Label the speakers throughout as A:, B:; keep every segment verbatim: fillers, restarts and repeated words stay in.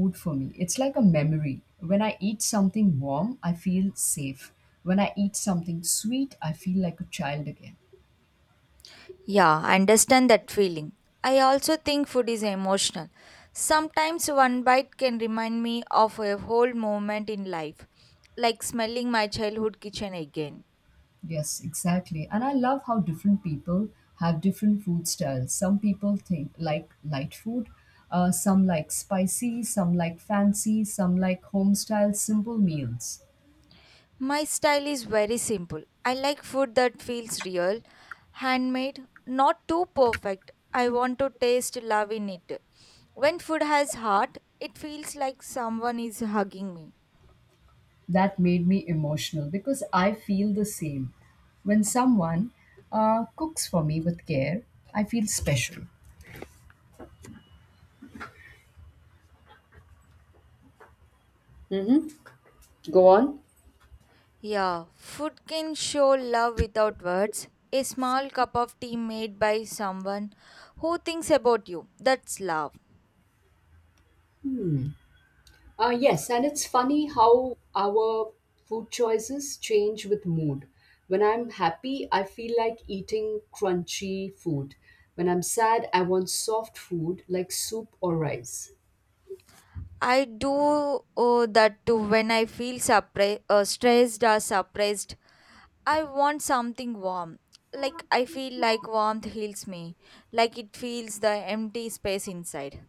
A: Food for me. It's like a memory. When I eat something warm, I feel safe. When I eat something sweet, I feel like a child again.
B: Yeah, I understand that feeling. I also think food is emotional. Sometimes one bite can remind me of a whole moment in life, like smelling my childhood kitchen again.
A: Yes, exactly. And I love how different people have different food styles. Some people think like light food, uh, some like spicy, some like fancy, some like home style simple meals.
B: My style is very simple. I like food that feels real, handmade, not too perfect. I want to taste love in it. When food has heart, it feels like someone is hugging me.
A: That made me emotional because I feel the same. When someone uh, cooks for me with care, I feel special. Go on.
B: Yeah, food can show love without words. A small cup of tea made by someone who thinks about you. That's love.
A: Uh, yes, and it's funny how our food choices change with mood. When I'm happy, I feel like eating crunchy food. When I'm sad, I want soft food like soup or rice.
B: I do uh, that too when I feel surpri- uh, stressed or surprised. I want something warm. Like I feel like warmth heals me, like it fills the empty space inside.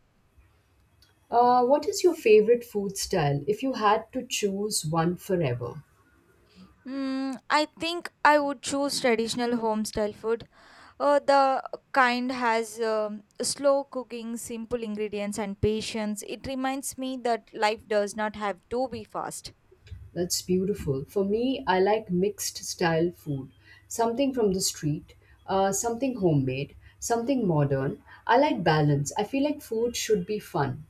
A: Uh, what is your favorite food style if you had to choose one forever?
B: Mm, I think I would choose traditional home style food. Uh, the kind has um, slow cooking, simple ingredients, and patience. It reminds me that life does not have to be fast.
A: That's beautiful. For me, I like mixed style food something from the street, uh, something homemade, something modern. I like balance. I feel like food should be fun.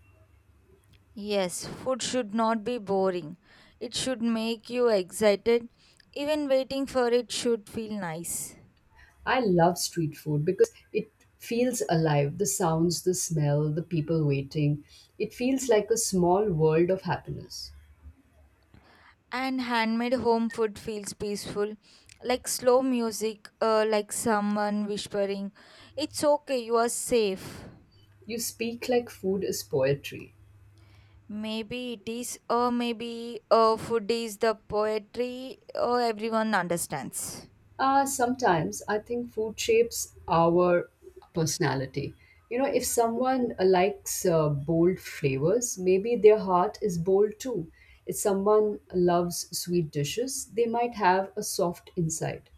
B: Yes, food should not be boring. It should make you excited. Even waiting for it should feel nice.
A: I love street food because it feels alive. The sounds, the smell, the people waiting. It feels like a small world of happiness.
B: And handmade home food feels peaceful, like slow music, uh, like someone whispering, it's okay, you are safe.
A: You speak like food is poetry.
B: Maybe it is, or maybe uh, food is the poetry or everyone understands.
A: Uh, sometimes I think food shapes our personality. You know, if someone uh, likes uh, bold flavors, maybe their heart is bold too. If someone loves sweet dishes, they might have a soft inside.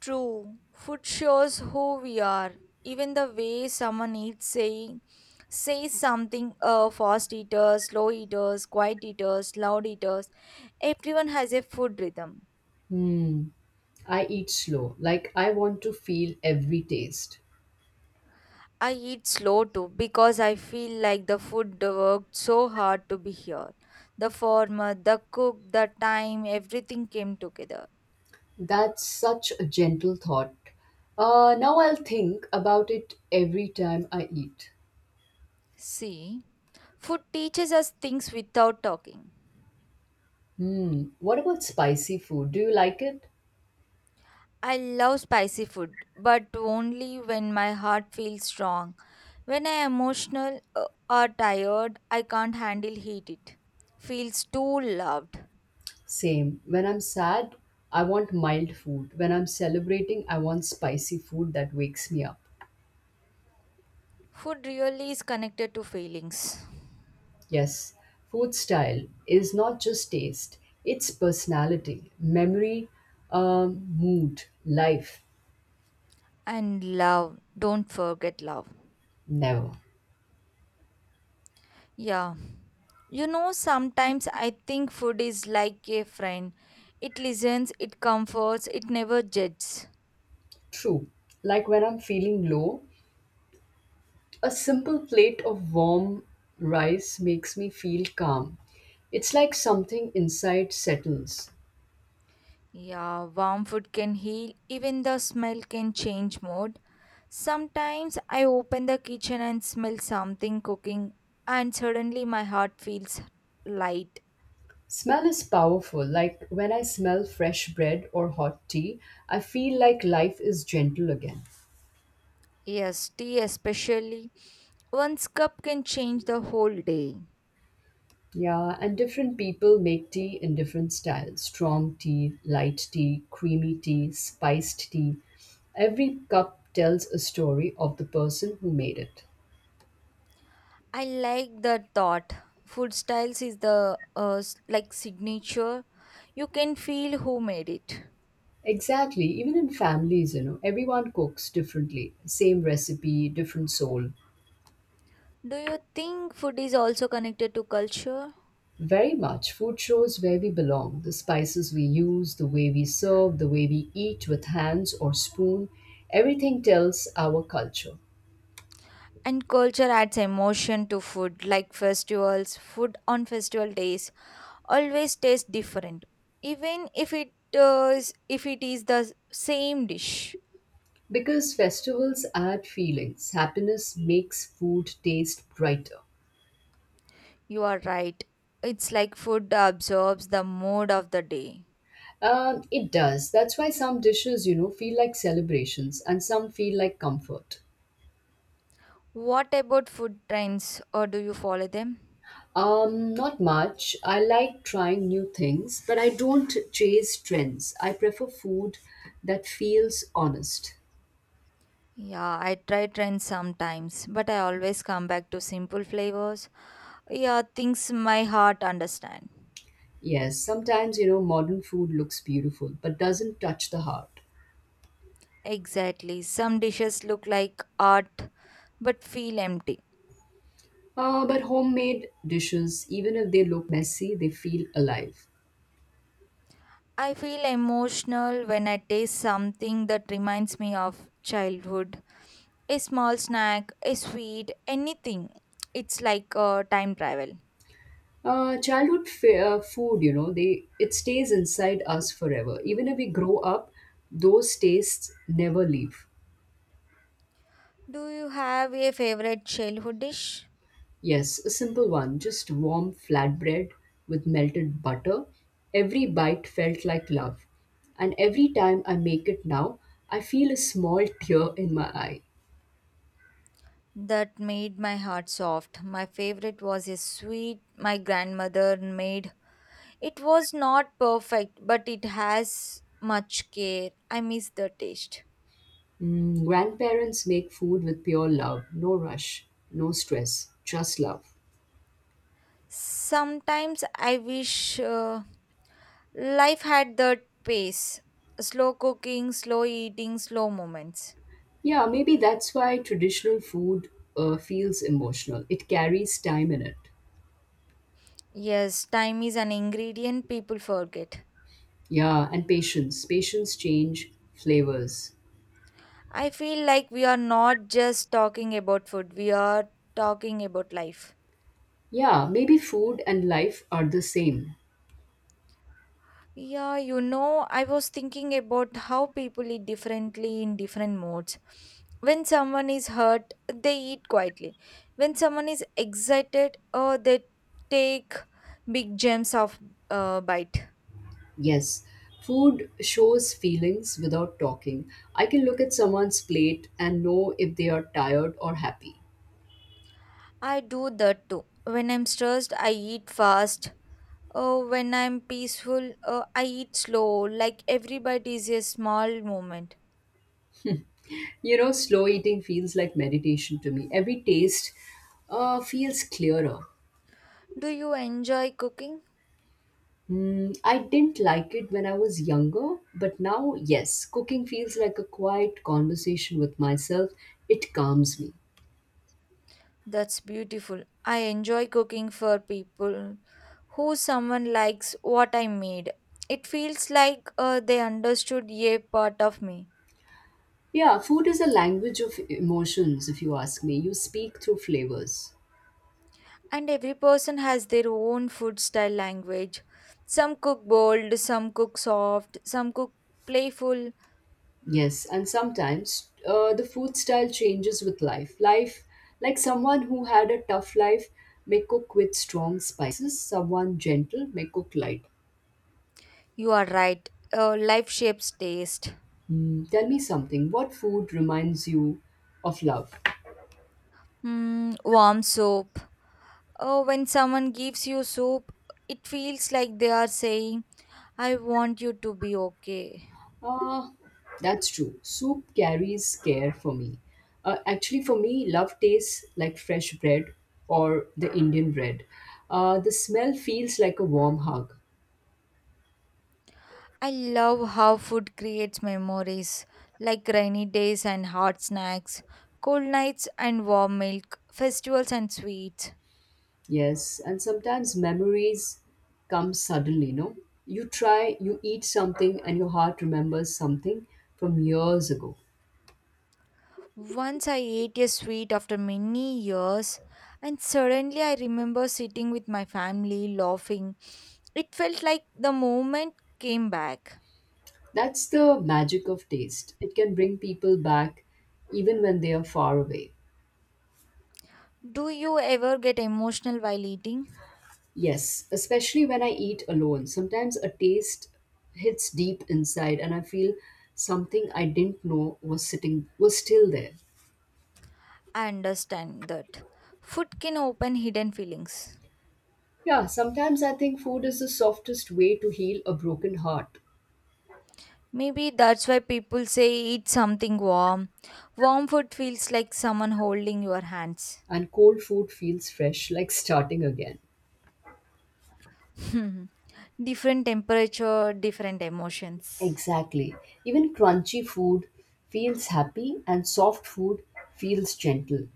B: True, food shows who we are. Even the way someone eats saying says something, uh, fast eaters, slow eaters, quiet eaters, loud eaters. Everyone has a food rhythm.
A: Hmm. I eat slow, like I want to feel every taste.
B: I eat slow too because I feel like the food worked so hard to be here. The format, the cook, the time, everything came together.
A: That's such a gentle thought. Uh, now I'll think about it every time I eat.
B: See? Food teaches us things without talking.
A: Hmm, what about spicy food? Do you like it?
B: I love spicy food, but only when my heart feels strong. When I am emotional uh, or tired, I can't handle heat it. Feels too loved.
A: Same. When I'm sad, I want mild food. When I'm celebrating, I want spicy food that wakes me up.
B: Food really is connected to feelings.
A: Yes, food style is not just taste, it's personality, memory, um, mood, life.
B: And love, don't forget love.
A: Never.
B: Yeah. You know, sometimes I think food is like a friend. It listens, it comforts, it never judges.
A: True. Like when I'm feeling low, a simple plate of warm rice makes me feel calm. It's like something inside settles.
B: Yeah, warm food can heal, even the smell can change mood. Sometimes I open the kitchen and smell something cooking, and suddenly my heart feels light.
A: Smell is powerful. Like when I smell fresh bread or hot tea, I feel like life is gentle again.
B: Yes, tea especially. One's cup can change the whole day.
A: Yeah, and different people make tea in different styles strong tea, light tea, creamy tea, spiced tea. Every cup tells a story of the person who made it.
B: I like that thought. Food styles is the uh, s- like signature. You can feel who made it.
A: Exactly. Even in families, you know, everyone cooks differently. Same recipe, different soul.
B: Do you think food is also connected to culture?
A: Very much. Food shows where we belong. The spices we use, the way we serve, the way we eat with hands or spoon. Everything tells our culture.
B: And culture adds emotion to food, like festivals. Food on festival days always tastes different, even if it uh, is if it is the same dish.
A: Because festivals add feelings, happiness makes food taste brighter.
B: You are right. It's like food absorbs the mood of the day.
A: Um, it does. That's why some dishes, you know, feel like celebrations and some feel like comfort.
B: What about food trends, or do you follow them?
A: Um, not much. I like trying new things, but I don't chase trends. I prefer food that feels honest.
B: Yeah, I try trends sometimes, but I always come back to simple flavors. Yeah, things my heart understand.
A: Yes, sometimes, you know, modern food looks beautiful, but doesn't touch the heart.
B: Exactly. Some dishes look like art but feel empty.
A: Uh, but homemade dishes, even if they look messy, they feel alive.
B: I feel emotional when I taste something that reminds me of childhood. A small snack, a sweet, anything. It's like a time travel.
A: Uh, childhood fa- uh, food, you know, they it stays inside us forever. Even if we grow up, those tastes never leave.
B: Do you have a favorite childhood dish?
A: Yes, a simple one. Just warm flatbread with melted butter. Every bite felt like love. And every time I make it now, I feel a small tear in my eye.
B: That made my heart soft. My favorite was a sweet my grandmother made. It was not perfect, but it has much care. I miss the taste.
A: Mm, grandparents make food with pure love, no rush, no stress, just love.
B: Sometimes I wish uh, life had that pace, slow cooking, slow eating, slow moments.
A: Yeah, maybe that's why traditional food uh, feels emotional. It carries time in it.
B: Yes, time is an ingredient people forget.
A: Yeah, and patience. Patience change flavors.
B: I feel like we are not just talking about food, we are talking about life.
A: Yeah, maybe food and life are the same.
B: Yeah, you know, I was thinking about how people eat differently in different modes. When someone is hurt, they eat quietly. When someone is excited, uh, they take big gems of uh, bite.
A: Yes, food shows feelings without talking. I can look at someone's plate and know if they are tired or happy.
B: I do that too. When I'm stressed, I eat fast. Uh, when I'm peaceful, uh, I eat slow. Like everybody is a small moment.
A: You know, slow eating feels like meditation to me. Every taste uh, feels clearer.
B: Do you enjoy cooking?
A: Hmm, I didn't like it when I was younger, but now, yes, cooking feels like a quiet conversation with myself. It calms me.
B: That's beautiful. I enjoy cooking for people who someone likes what I made. It feels like uh, they understood a part of me.
A: Yeah, food is a language of emotions, if you ask me. You speak through flavors.
B: And every person has their own food style language. Some cook bold, some cook soft, some cook playful.
A: Yes, and sometimes uh, the food style changes with life. Life, like someone who had a tough life, may cook with strong spices, someone gentle may cook light.
B: You are right. Uh, life shapes taste.
A: Hmm, tell me something. What food reminds you of love?
B: Hmm, warm soup. Oh, when someone gives you soup, it feels like they are saying, I want you to be okay.
A: Ah, that's true. Soup carries care for me. Uh, actually, for me, love tastes like fresh bread or the Indian bread. Uh, the smell feels like a warm hug.
B: I love how food creates memories, like rainy days and hot snacks, cold nights and warm milk, festivals and sweets.
A: Yes, and sometimes memories come suddenly, no? You try, you eat something, and your heart remembers something from years ago.
B: Once I ate a sweet after many years, and suddenly I remember sitting with my family laughing. It felt like the moment came back.
A: That's the magic of taste. It can bring people back even when they are far away.
B: Do you ever get emotional while eating?
A: Yes, especially when I eat alone. Sometimes a taste hits deep inside, and I feel something I didn't know was sitting, was still there.
B: I understand that. Food can open hidden feelings.
A: Yeah, sometimes I think food is the softest way to heal a broken heart.
B: Maybe that's why people say eat something warm. Warm food feels like someone holding your hands.
A: And cold food feels fresh, like starting again.
B: Different temperature, different emotions.
A: Exactly. Even crunchy food feels happy, and soft food feels gentle.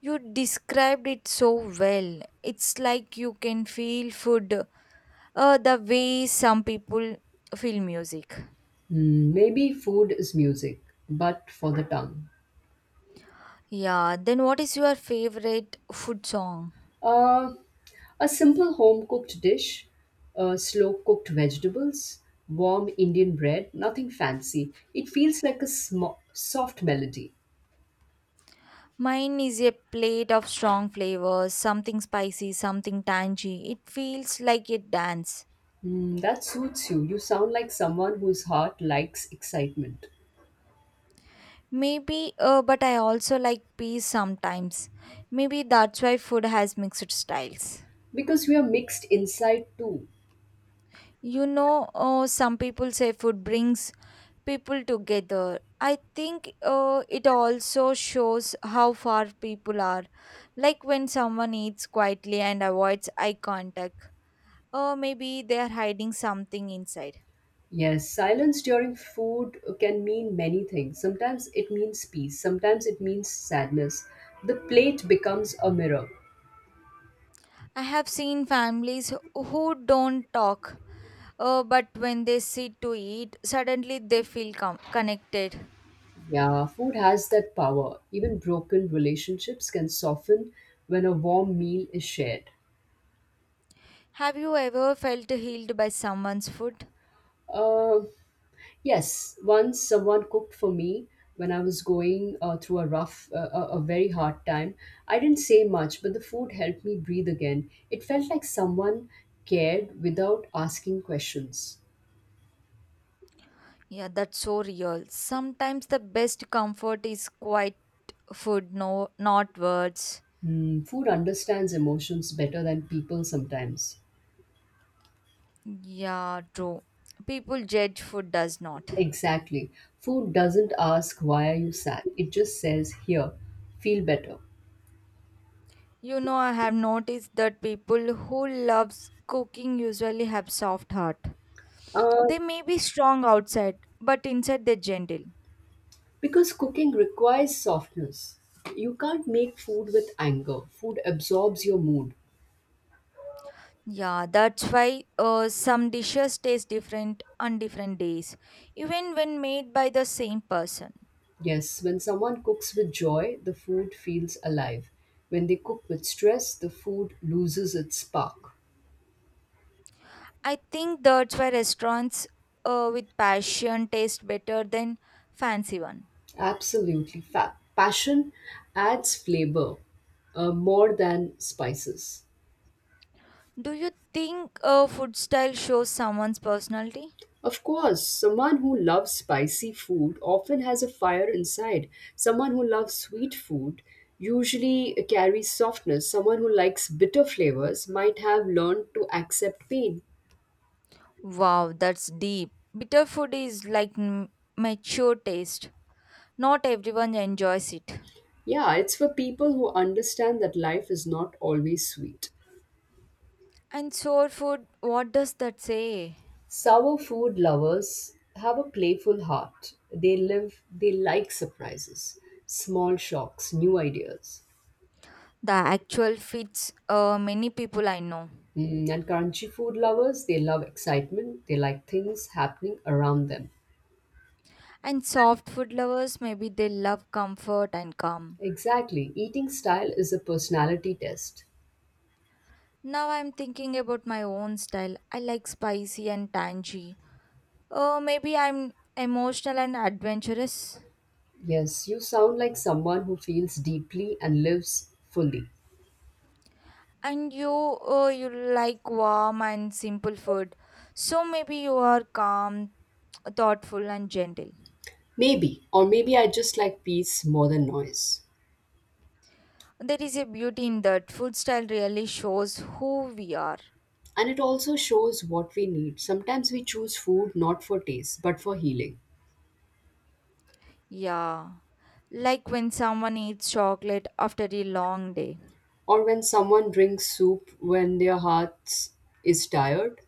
B: You described it so well. It's like you can feel food uh, the way some people feel music.
A: Hmm, maybe food is music, but for the tongue.
B: Yeah, then what is your favorite food song?
A: Uh, a simple home cooked dish, uh, slow cooked vegetables, warm Indian bread, nothing fancy. It feels like a sm- soft melody.
B: Mine is a plate of strong flavors, something spicy, something tangy. It feels like a dance.
A: Hmm, that suits you. You sound like someone whose heart likes excitement.
B: Maybe, uh, but I also like peas sometimes. Maybe that's why food has mixed styles.
A: Because we are mixed inside too.
B: You know, uh, some people say food brings people together. I think uh, it also shows how far people are. Like when someone eats quietly and avoids eye contact, or maybe they are hiding something inside.
A: Yes, silence during food can mean many things. Sometimes it means peace, sometimes it means sadness. The plate becomes a mirror.
B: I have seen families who don't talk, uh, but when they sit to eat, suddenly they feel com- connected.
A: Yeah, food has that power. Even broken relationships can soften when a warm meal is shared.
B: Have you ever felt healed by someone's food?
A: Uh, yes, once someone cooked for me when I was going uh, through a rough, uh, a a very hard time. I didn't say much, but the food helped me breathe again. It felt like someone cared without asking questions.
B: Yeah, that's so real. Sometimes the best comfort is quiet food, no, not words.
A: Hmm, food understands emotions better than people sometimes.
B: Yeah, true. People judge, food does not.
A: Exactly. Food doesn't ask why are you sad. It just says here, feel better.
B: You know, I have noticed that people who loves cooking usually have soft heart.
A: Uh,
B: They may be strong outside, but inside they're gentle.
A: because cooking requires softness. You can't make food with anger. Food absorbs your mood.
B: Yeah, that's why uh, some dishes taste different on different days, even when made by the same person.
A: Yes, when someone cooks with joy, the food feels alive. When they cook with stress, the food loses its spark.
B: I think that's why restaurants uh, with passion taste better than fancy one.
A: Absolutely. Fa- passion adds flavor uh, more than spices.
B: Do you think a food style shows someone's personality?
A: Of course, someone who loves spicy food often has a fire inside. Someone who loves sweet food usually carries softness. Someone who likes bitter flavors might have learned to accept pain.
B: Wow, that's deep. Bitter food is like m- mature taste. Not everyone enjoys it.
A: Yeah, it's for people who understand that life is not always sweet.
B: And sour food, what does that say?
A: Sour food lovers have a playful heart. They live, they like surprises, small shocks, new ideas.
B: The actual fits uh, many people I know.
A: Mm, and crunchy food lovers, they love excitement. They like things happening around them.
B: And soft food lovers, maybe they love comfort and calm.
A: Exactly. Eating style is a personality test.
B: Now I'm thinking about my own style. I like spicy and tangy. Oh, maybe I'm emotional and adventurous.
A: Yes, you sound like someone who feels deeply and lives fully.
B: And you, oh, you like warm and simple food. So maybe you are calm, thoughtful, and gentle.
A: Maybe, or maybe I just like peace more than noise.
B: There is a beauty in that. Food style really shows who we are.
A: And it also shows what we need. Sometimes we choose food not for taste, but for healing.
B: Yeah. Like when someone eats chocolate after a long day,
A: Or when someone drinks soup when their heart is tired.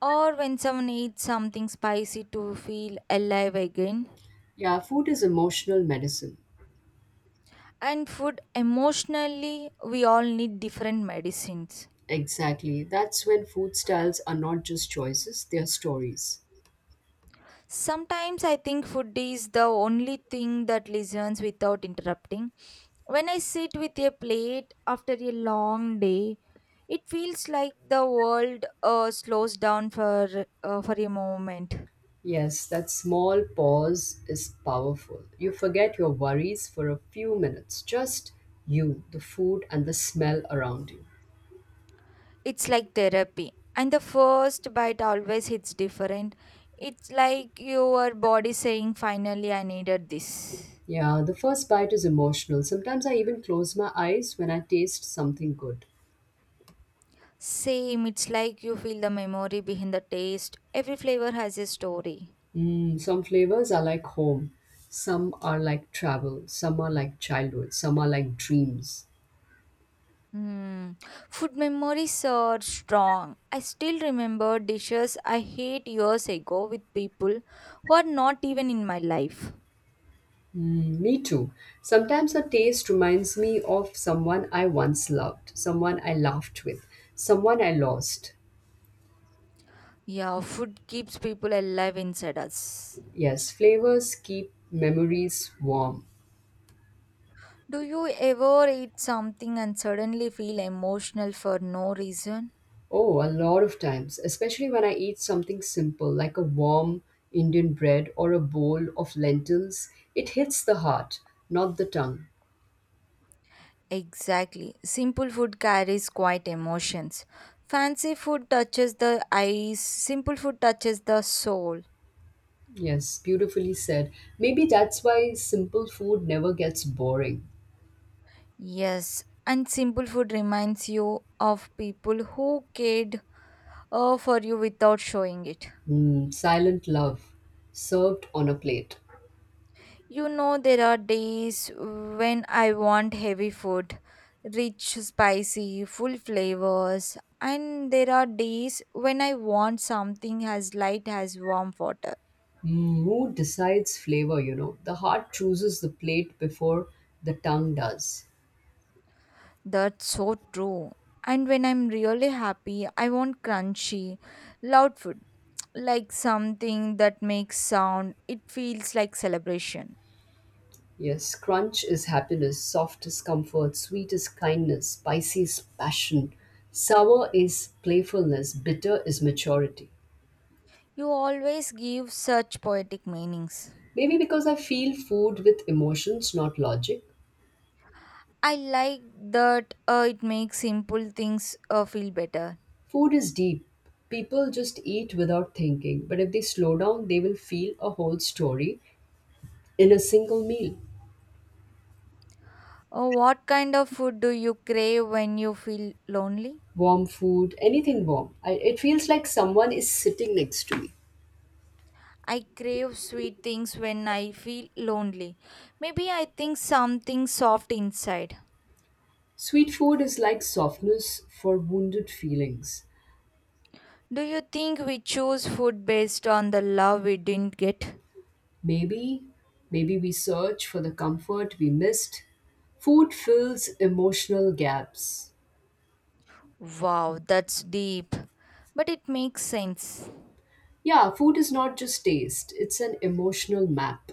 B: or when someone eats something spicy to feel alive again.
A: Yeah, food is emotional medicine.
B: And food emotionally we all need different medicines.
A: Exactly. That's when food styles are not just choices, they are stories.
B: Sometimes I think food is the only thing that listens without interrupting. When I sit with a plate after a long day, it feels like the world uh, slows down for uh, for a moment.
A: Yes, that small pause is powerful. You forget your worries for a few minutes, just you, the food, and the smell around you.
B: It's like therapy, and the first bite always hits different. It's like your body saying, finally, I needed this.
A: Yeah, the first bite is emotional. Sometimes I even close my eyes when I taste something good.
B: Same, it's like you feel the memory behind the taste. Every flavor has a story.
A: Mm, some flavors are like home, some are like travel, some are like childhood, some are like dreams.
B: Hmm. Food memories are strong. I still remember dishes I ate years ago with people who are not even in my life.
A: Mm, me too. Sometimes a taste reminds me of someone I once loved, someone I laughed with, someone I lost.
B: Yeah, food keeps people alive inside us.
A: Yes, flavors keep memories warm.
B: Do you ever eat something and suddenly feel emotional for no reason?
A: Oh, a lot of times, especially when I eat something simple like a warm Indian bread or a bowl of lentils, it hits the heart, not the tongue.
B: Exactly. Simple food carries quite emotions. Fancy food touches the eyes, simple food touches the soul.
A: Yes, beautifully said. Maybe that's why simple food never gets boring.
B: Yes, and simple food reminds you of people who cared uh, for you without showing it.
A: Mm, silent love served on a plate.
B: You know, there are days when I want heavy food, rich, spicy, full flavors, and there are days when I want something as light as warm water.
A: Mood decides flavor, you know. The heart chooses the plate before the tongue does.
B: That's so true. And when I'm really happy, I want crunchy, loud food, like something that makes sound. It feels like celebration.
A: Yes, crunch is happiness, soft is comfort, sweet is kindness, spicy is passion, sour is playfulness, bitter is maturity.
B: You always give such poetic meanings.
A: Maybe because I feel food with emotions, not logic.
B: I like that uh, it makes simple things uh, feel better.
A: Food is deep. People just eat without thinking, but if they slow down, they will feel a whole story in a single meal.
B: Uh, what kind of food do you crave when you feel lonely?
A: Warm food, anything warm. I, it feels like someone is sitting next to me.
B: I crave sweet things when I feel lonely. Maybe I think something soft inside.
A: Sweet food is like softness for wounded feelings.
B: Do you think we choose food based on the love we didn't get?
A: Maybe, maybe we search for the comfort we missed. Food fills emotional gaps.
B: Wow, that's deep. But it makes sense.
A: Yeah, food is not just taste, it's an emotional map.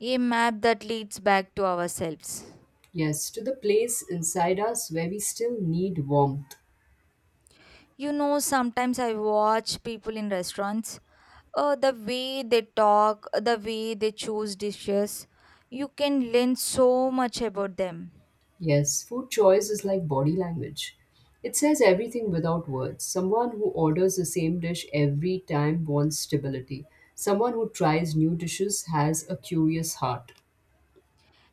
B: A map that leads back to ourselves.
A: Yes, to the place inside us where we still need warmth.
B: You know, sometimes I watch people in restaurants. Uh, the way they talk, the way they choose dishes, you can learn so much about them.
A: Yes, food choice is like body language. It says everything without words. Someone who orders the same dish every time wants stability. Someone who tries new dishes has a curious heart.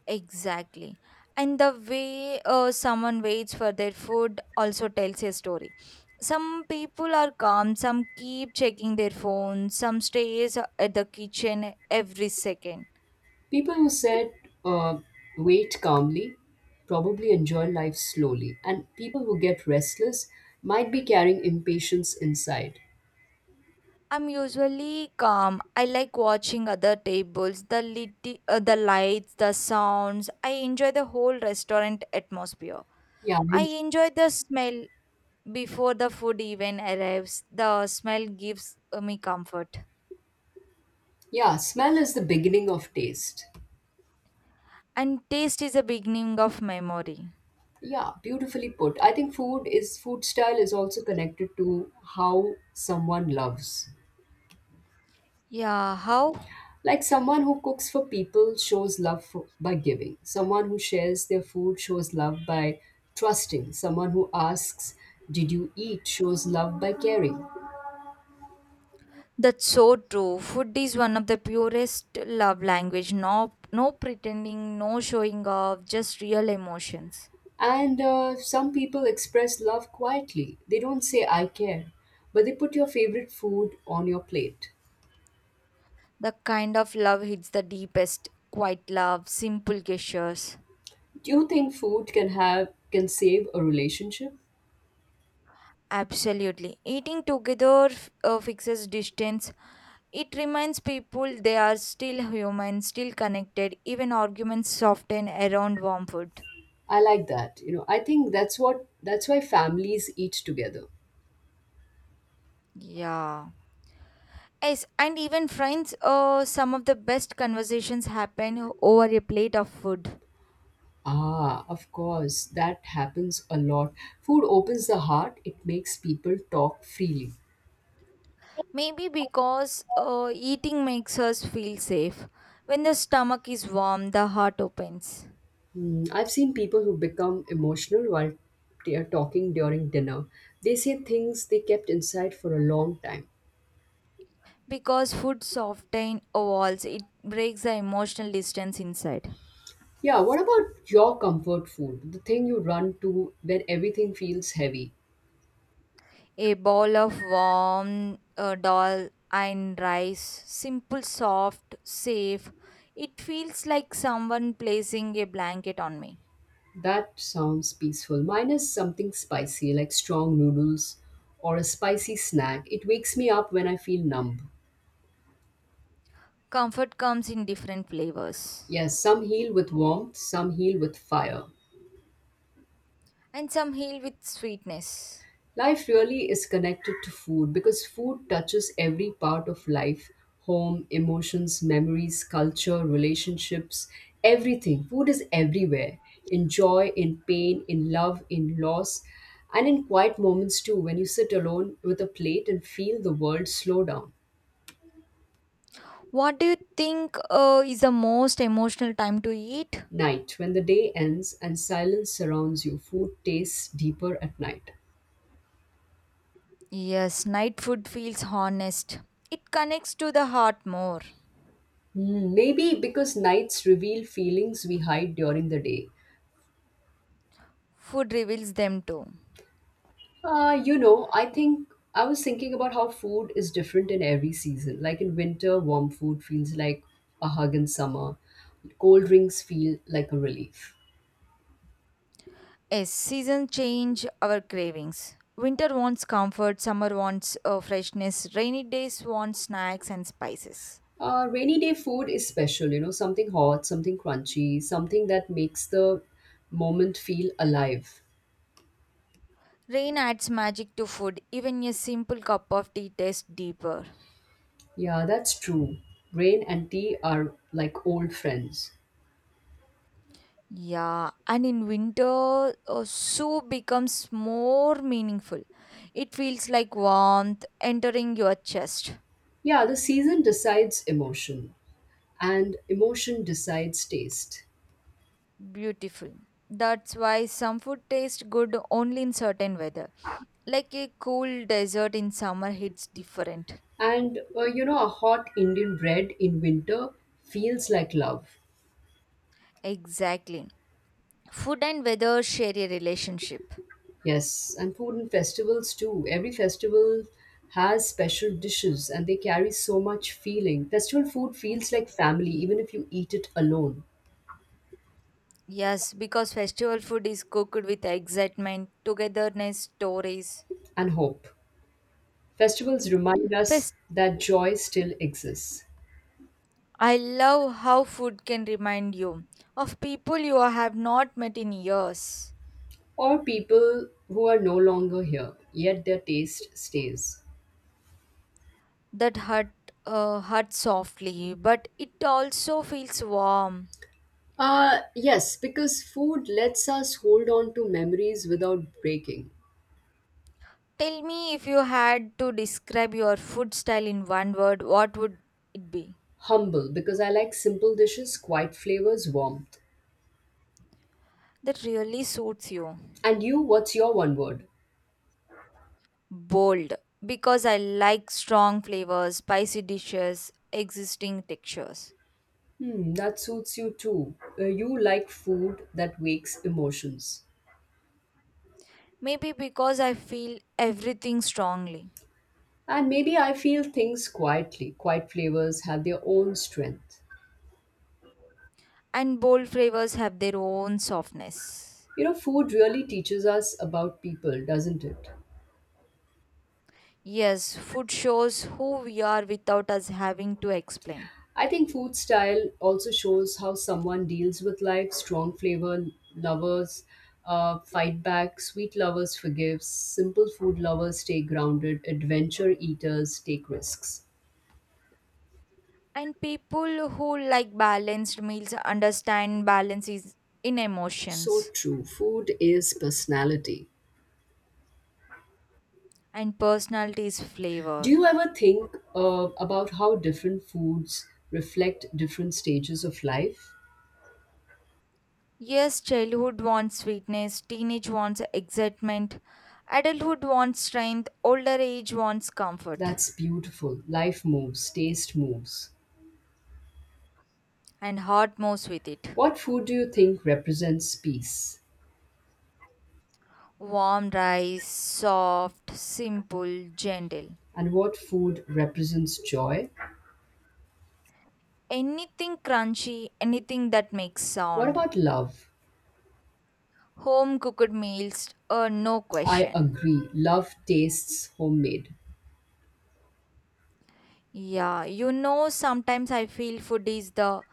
B: Exactly. And the way uh, someone waits for their food also tells a story. Some people are calm, some keep checking their phones, some stays uh, at the kitchen every second.
A: People who said, uh, wait calmly, probably enjoy life slowly. And people who get restless might be carrying impatience inside.
B: I'm usually calm. I like watching other tables, the lit- uh, the lights, the sounds. I enjoy the whole restaurant atmosphere.
A: Yeah,
B: I
A: and
B: enjoy the smell before the food even arrives. The smell gives uh, me comfort.
A: yeah, smell is the beginning of taste.
B: And taste is the beginning of memory.
A: Yeah, beautifully put. I think food is food style is also connected to how someone loves.
B: Yeah, how?
A: Like someone who cooks for people shows love for, by giving. Someone who shares their food shows love by trusting. Someone who asks, "Did you eat?" shows love by caring.
B: That's so true. Food is one of the purest love language. No, no pretending, no showing off, just real emotions.
A: And uh, some people express love quietly. They don't say "I care," but they put your favorite food on your plate.
B: The kind of love hits the deepest. Quiet love, simple gestures.
A: Do you think food can have can save a relationship?
B: Absolutely. Eating together uh, fixes distance. It reminds people they are still human, still connected. Even arguments soften around warm food.
A: I like that. You know, I think that's what that's why families eat together.
B: Yeah. Yes, and even friends, uh, some of the best conversations happen over a plate of food.
A: Ah, of course, that happens a lot. Food opens the heart, it makes people talk freely.
B: Maybe because uh, eating makes us feel safe. When the stomach is warm, the heart opens.
A: Hmm, I've seen people who become emotional while they are talking during dinner. They say things they kept inside for a long time.
B: Because food softens walls, it breaks the emotional distance inside.
A: Yeah, what about your comfort food? The thing you run to when everything feels heavy?
B: A bowl of warm uh, dal and rice, simple, soft, safe. It feels like someone placing a blanket on me.
A: That sounds peaceful. Mine is something spicy, like strong noodles or a spicy snack. It wakes me up when I feel numb.
B: Comfort comes in different flavors,
A: Yes, some heal with warmth, some heal with fire.
B: and some heal with sweetness.
A: Life really is connected to food because food touches every part of life: home, emotions, memories, culture, relationships, everything. Food is everywhere, in joy, in pain, in love, in loss, and in quiet moments too, when you sit alone with a plate and feel the world slow down.
B: What do you think uh, is the most emotional time to eat?
A: Night, when the day ends and silence surrounds you, food tastes deeper at night.
B: Yes, night food feels honest. It connects to the heart more.
A: Hmm, maybe because nights reveal feelings we hide during the day.
B: Food reveals them too.
A: Uh, you know, I think I was thinking about how food is different in every season. Like in winter, warm food feels like a hug. In summer, cold drinks feel like a relief.
B: Yes, seasons change our cravings. Winter wants comfort, summer wants uh, freshness, rainy days want snacks and spices.
A: Uh, rainy day food is special, you know, something hot, something crunchy, something that makes the moment feel alive.
B: Rain adds magic to food, even a simple cup of tea tastes deeper.
A: Yeah, that's true. Rain and tea are like old friends.
B: Yeah, and in winter, uh, soup becomes more meaningful. It feels like warmth entering your chest.
A: Yeah, the season decides emotion, and emotion decides taste.
B: Beautiful. That's why some food tastes good only in certain weather. Like a cool desert in summer hits different.
A: And uh, you know, a hot Indian bread in winter feels like love.
B: Exactly. Food and weather share a relationship.
A: Yes, and food and festivals too. Every festival has special dishes and they carry so much feeling. Festival food feels like family,
B: Ye-
A: even if you eat it alone,
B: Yes, because festival food is cooked with excitement, togetherness, stories.
A: and hope. Festivals remind us that joy still exists.
B: I love how food can remind you of people you have not met in years.
A: Or people who are no longer here, yet their taste stays.
B: That hurt, uh, hurt softly, but it also feels warm.
A: Uh, yes, because food lets us hold on to memories without breaking.
B: Tell me, if you had to describe your food style in one word, what would it be?
A: Humble, because I like simple dishes, quiet flavors, warmth.
B: That really suits you.
A: And you, what's your one word?
B: Bold, because I like strong flavors, spicy dishes, existing textures.
A: Hmm, that suits you too. Uh, you like food that wakes emotions.
B: Maybe because I feel everything strongly.
A: And maybe I feel things quietly. Quiet flavors have their own strength.
B: And bold flavors have their own softness.
A: You know, food really teaches us about people, doesn't it?
B: Yes, food shows who we are without us having to explain.
A: I think food style also shows how someone deals with life. Strong flavor lovers uh, fight back, sweet lovers forgive, simple food lovers stay grounded, adventure eaters take risks.
B: And people who like balanced meals understand balance is in
A: So
B: emotions
A: true. Food is personality.
B: and personality is
A: Do
B: flavor.
A: you ever think uh, about how different foods reflect different stages of life?
B: Yes, childhood wants sweetness, teenage wants excitement, adulthood wants strength, older age wants comfort,
A: That's beautiful. Life moves, taste moves.
B: and heart moves with it.
A: What food do you think represents peace?
B: Warm rice, soft, simple, gentle.
A: And what food represents joy?
B: Anything crunchy, anything that makes
A: What
B: sound.
A: about love?
B: Home cooked meals, uh, no
A: I
B: question.
A: agree. Love tastes homemade.
B: Yeah, you know, sometimes I feel food is the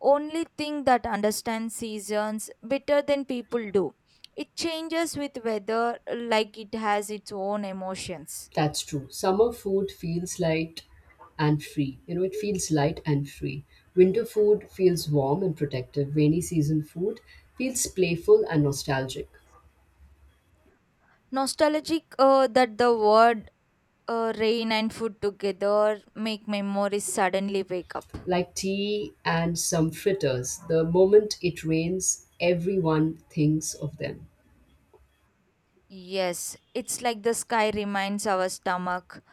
B: only thing that understands seasons better than people do. It changes with weather like it has its own emotions.
A: That's true. Summer food feels light and free. You know, it feels light and free. Winter food feels warm and protective. Rainy season food feels playful and nostalgic.
B: Nostalgic, uh, that the word, uh, rain and food together make memories suddenly wake up.
A: Like tea and some fritters, the moment it rains, everyone thinks of them.
B: Yes, it's like the sky reminds our stomach.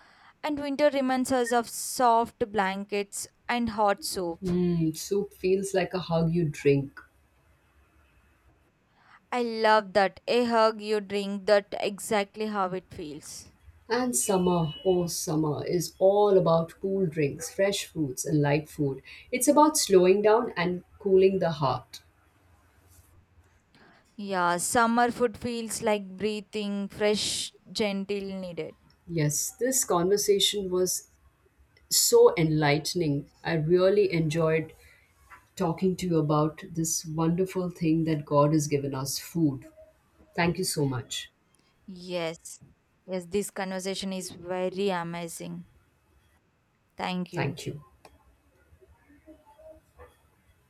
B: And winter reminds us of soft blankets and hot soup.
A: Mm, soup feels like a hug you drink.
B: I love that. A hug you drink, that exactly how it feels.
A: And summer, oh, summer is all about cool drinks, fresh fruits, and light food. It's about slowing down and cooling the heart.
B: Yeah, summer food feels like breathing, fresh, gentle, needed.
A: Yes, this conversation was so enlightening. I really enjoyed talking to you about this wonderful thing that God has given us, food. Thank you so much.
B: Yes. Yes, this conversation is very amazing. Thank you.
A: Thank you.